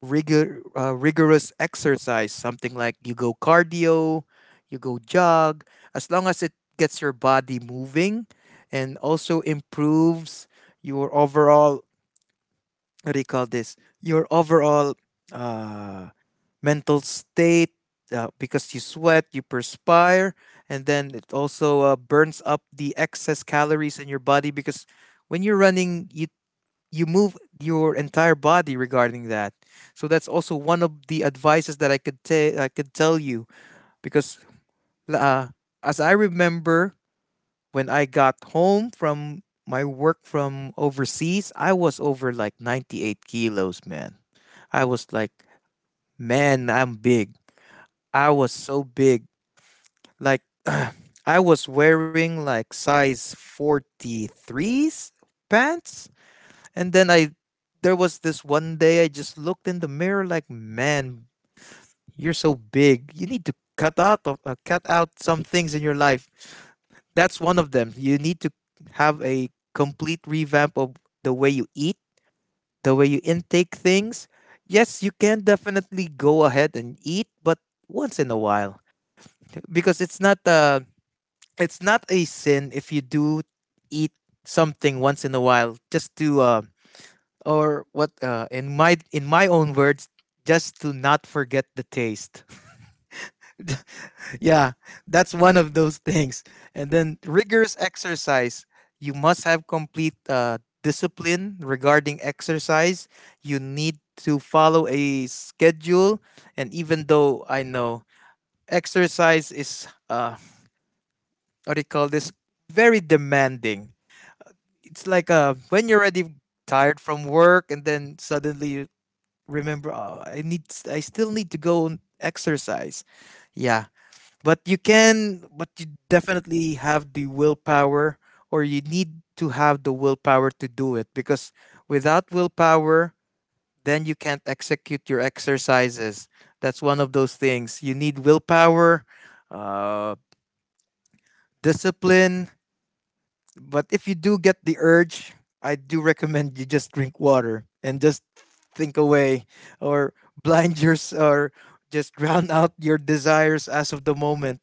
S2: rigorous exercise, something like you go cardio, you go jog, as long as it gets your body moving and also improves your overall, what do you call this, your overall uh, mental state, because you sweat, you perspire, and then it also burns up the excess calories in your body because when you're running, you move your entire body regarding that. So that's also one of the advices that I could tell you because uh, as I remember, when I got home from my work from overseas, I was over like 98 kilos, man. I was like, man, I'm big. I was so big. Like, I was wearing like size 43s pants. And then I, there was this one day I just looked in the mirror like, man, you're so big. You need to cut out some things in your life. That's one of them. You need to have a complete revamp of the way you eat, the way you intake things. Yes, you can definitely go ahead and eat, but once in a while, because it's not a sin if you do eat something once in a while, just to or what in my own words, just to not forget the taste. Yeah, that's one of those things. And then rigorous exercise. You must have complete discipline regarding exercise. You need to follow a schedule. And even though I know exercise is, what do you call this, very demanding. It's like when you're already tired from work, and then suddenly you remember, oh, I still need to go and exercise. Yeah, but you can but you definitely have the willpower or you need to have the willpower to do it, because without willpower then you can't execute your exercises. That's one of those things. You need willpower, uh, discipline. But if you do get the urge, I do recommend you just drink water and just think away, or blind your or just drown out your desires as of the moment.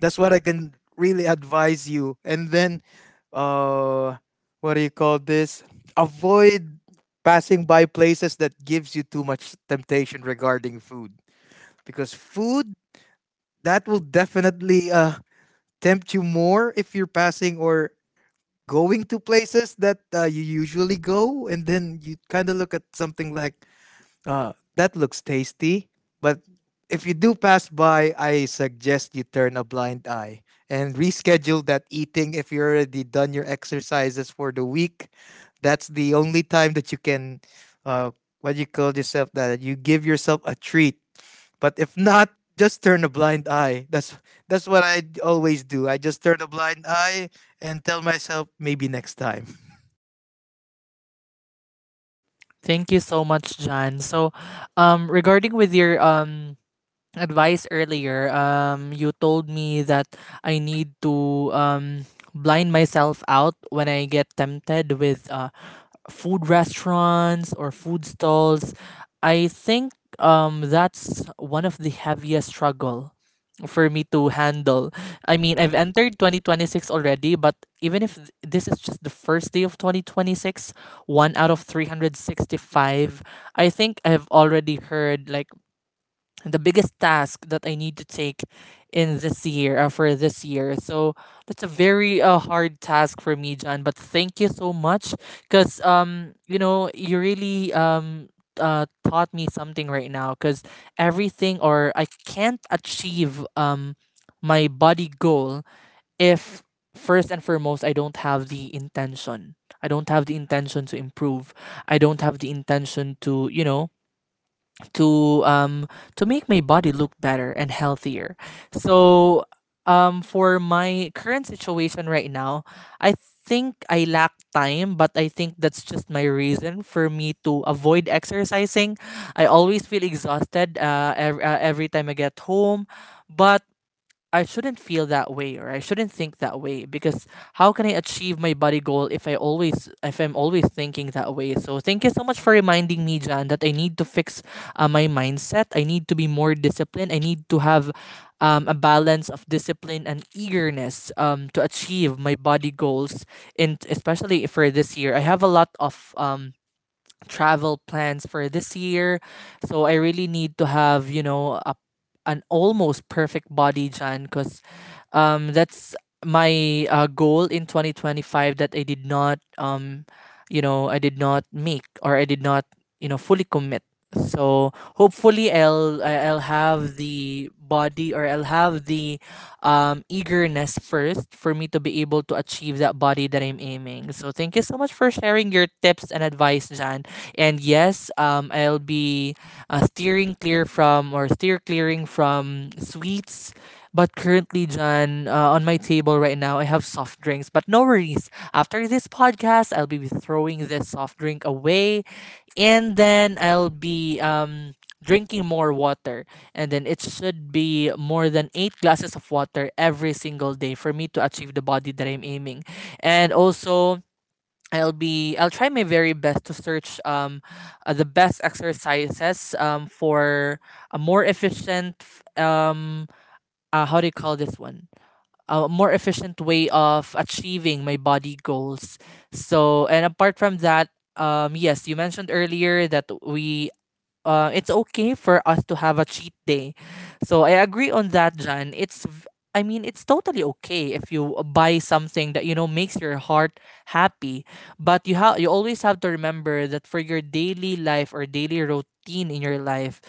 S2: That's what I can really advise you. And then uh what do you call this? Avoid passing by places that gives you too much temptation regarding food, because food, that will definitely tempt you more if you're passing or going to places that you usually go, and then you kind of look at something like, that looks tasty, but if you do pass by, I suggest you turn a blind eye and reschedule that eating if you already done your exercises for the week. That's the only time that you can, uh, what you call yourself, that you give yourself a treat. But if not, just turn a blind eye. That's what I always do. I just turn a blind eye and tell myself maybe next time.
S1: Thank you so much, John. So, regarding with your advice earlier, you told me that I need to um blind myself out when I get tempted with food restaurants or food stalls. I think that's one of the heaviest struggle for me to handle. I mean, I've entered 2026 already, but even if this is just the first day of 2026, one out of 365, I think I've already heard like the biggest task that I need to take in this year, for this year. So that's a very hard task for me, John. But thank you so much, cause you know you really taught me something right now. Cause everything or I can't achieve my body goal if first and foremost I don't have the intention. I don't have the intention to improve. I don't have the intention to to um to make my body look better and healthier. So for my current situation right now, I think I lack time, but I think that's just my reason for me to avoid exercising. I always feel exhausted every time I get home, but I shouldn't feel that way or I shouldn't think that way because how can I achieve my body goal if I always if I'm always thinking that way? So thank you so much for reminding me, John, that I need to fix my mindset. I need to be more disciplined. I need to have a balance of discipline and eagerness to achieve my body goals. And especially for this year, I have a lot of travel plans for this year. So I really need to have, you know, a, an almost perfect body, Jan, because that's my goal in 2025 that I did not, I did not make, or I did not, fully commit. So hopefully I'll have the body, or I'll have the eagerness first for me to be able to achieve that body that I'm aiming. So thank you so much for sharing your tips and advice, Jan. And yes, I'll be steering clear from, or steer clearing from sweets. But currently, John, on my table right now, I have soft drinks. But no worries. After this podcast, I'll be throwing this soft drink away, and then I'll be drinking more water. And then it should be more than eight glasses of water every single day for me to achieve the body that I'm aiming. And also, I'll try my very best to search the best exercises for a more efficient how do you call this one, a more efficient way of achieving my body goals. So and apart from that, yes, you mentioned earlier that we it's okay for us to have a cheat day. So I agree on that, Jan. I mean, it's totally okay if you buy something that you know makes your heart happy, but you always have to remember that for your daily life or daily routine in your life,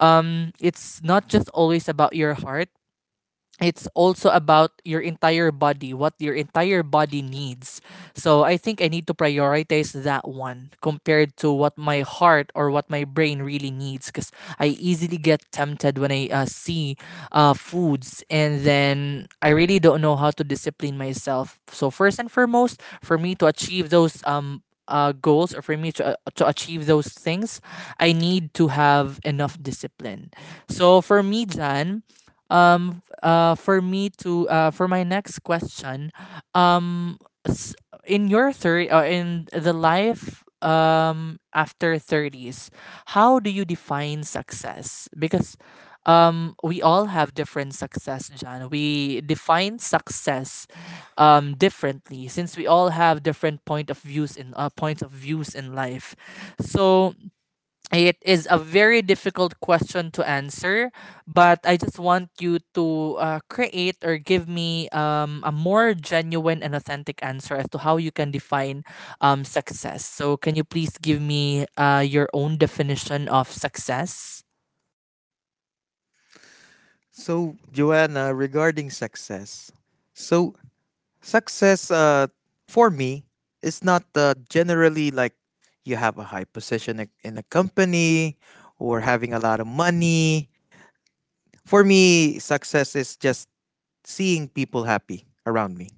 S1: it's not just always about your heart, it's also about your entire body, what your entire body needs. So I think I need to prioritize that one compared to what my heart or what my brain really needs, because I easily get tempted when I see foods, and then I really don't know how to discipline myself. So, first and foremost, for me to achieve those. Goals, or for me to achieve those things, I need to have enough discipline. So for me, Jan, for me to for my next question, um s- in your third in the life after 30s, how do you define success? Because we all have different success, John. We define success differently since we all have different points of views in life. So it is a very difficult question to answer, but I just want you to create or give me a more genuine and authentic answer as to how you can define success. So, can you please give me your own definition of success?
S2: So, Joanna, regarding success. So, success for me is not generally like you have a high position in a company or having a lot of money. For me, success is just seeing people happy around me.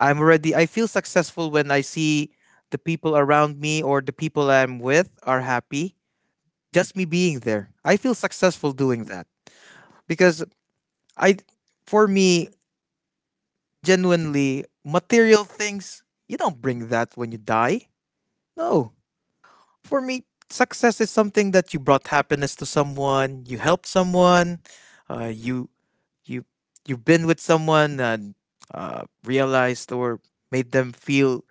S2: I feel successful when I see the people around me or the people I'm with are happy. Just me being there, I feel successful doing that. Because I for me, genuinely, material things, you don't bring that when you die. No. For me, success is something that you brought happiness to someone, you helped someone, you you you've been with someone and realized or made them feel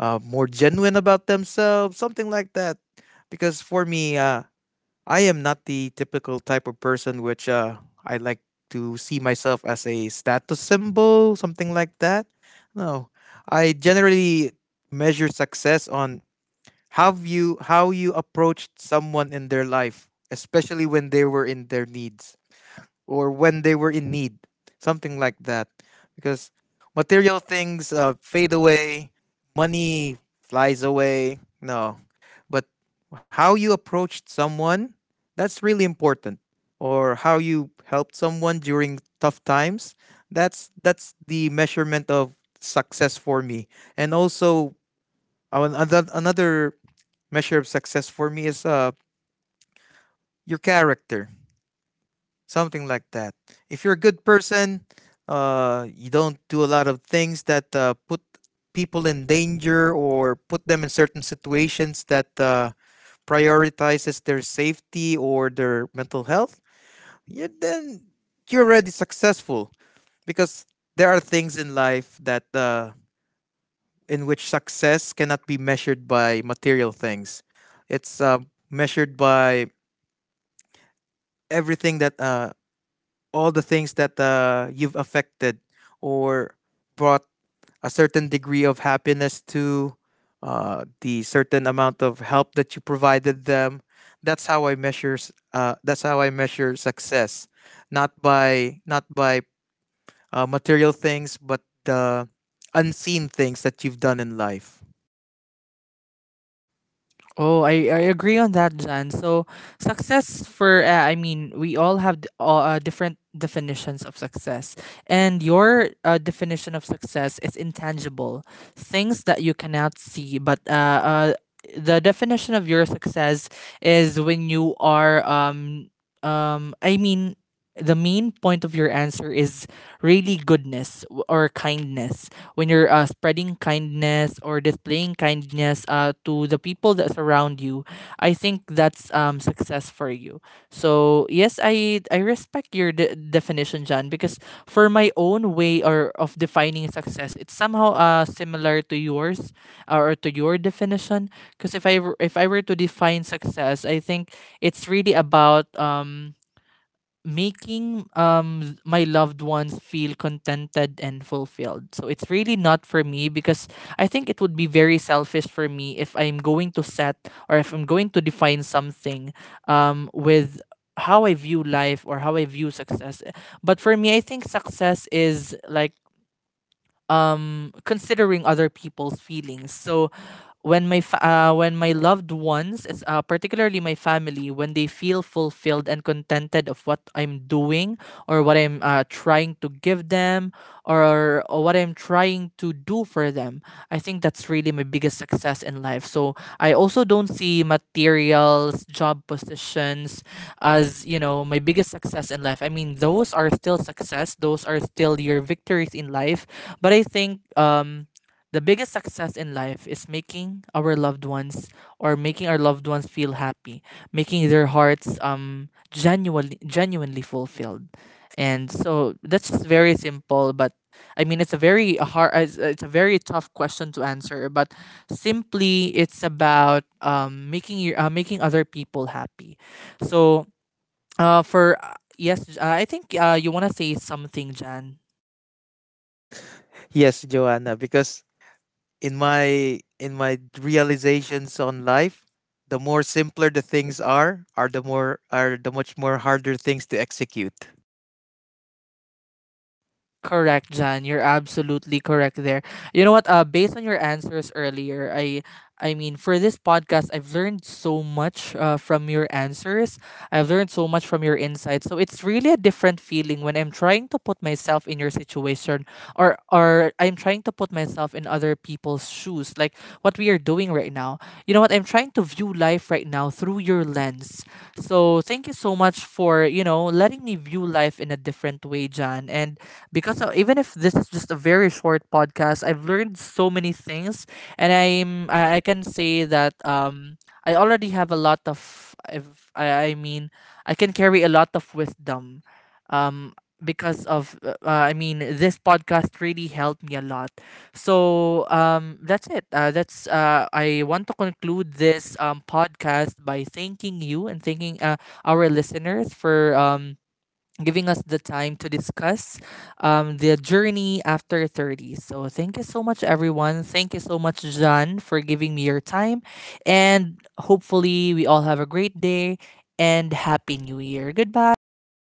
S2: more genuine about themselves, something like that. Because for me, I am not the typical type of person which I like to see myself as a status symbol, something like that. No, I generally measure success on how you approached someone in their life, especially when they were in their needs, or when they were in need, something like that. Because material things fade away, money flies away. No, but how you approached someone, that's really important. Or how you helped someone during tough times, that's the measurement of success for me. And also, another measure of success for me is your character. Something like that. If you're a good person, you don't do a lot of things that put people in danger or put them in certain situations that prioritizes their safety or their mental health. Yeah, then you're already successful, because there are things in life that in which success cannot be measured by material things. It's measured by everything that all the things that you've affected or brought a certain degree of happiness to, the certain amount of help that you provided them. That's how I measure success, not by material things, but the unseen things that you've done in life.
S1: Oh, I agree on that, Jan. So, success for, we all have different definitions of success. And your definition of success is intangible things that you cannot see. But uh, the definition of your success is when you are, um, I mean, the main point of your answer is really goodness or kindness. When you're spreading kindness or displaying kindness to the people that surround you, I think that's success for you. So yes, I respect your definition, John, because for my own way or of defining success, it's somehow similar to yours, or to your definition. Because if I were to define success, I think it's really about making my loved ones feel contented and fulfilled. So it's really not for me, because I think it would be very selfish for me if I'm going to set, or if I'm going to define something with how I view life or how I view success. But for me, I think success is like considering other people's feelings. So when my when my loved ones, it's, particularly my family, when they feel fulfilled and contented of what I'm doing, or what I'm trying to give them, or what I'm trying to do for them, I think that's really my biggest success in life. So I also don't see materials, job positions as you know my biggest success in life. I mean, those are still success; those are still your victories in life. But I think the biggest success in life is making our loved ones, or making our loved ones feel happy, making their hearts genuinely genuinely fulfilled. And so that's just very simple, but I mean it's a very hard, it's a very tough question to answer, but simply it's about making your making other people happy. So for yes, I think you want to say something, Jan.
S2: Yes, Joanna, because in my realizations on life, the more simpler the things are the more are the much more harder things to execute.
S1: Correct, Jan. You're absolutely correct there. You know what? Based on your answers earlier, for this podcast, I've learned so much from your answers. I've learned so much from your insights. So it's really a different feeling when I'm trying to put myself in your situation, or I'm trying to put myself in other people's shoes, like what we are doing right now. You know what? I'm trying to view life right now through your lens. So thank you so much for you know letting me view life in a different way, Jan. And because even if this is just a very short podcast, I've learned so many things, and I can say that I already have a lot of if I I mean I can carry a lot of wisdom, um because of this podcast really helped me a lot. So that's it. That's I want to conclude this podcast by thanking you, and thanking our listeners for giving us the time to discuss their journey after 30. So thank you so much, everyone. Thank you so much, John, for giving me your time. And hopefully, we all have a great day and Happy New Year. Goodbye and thank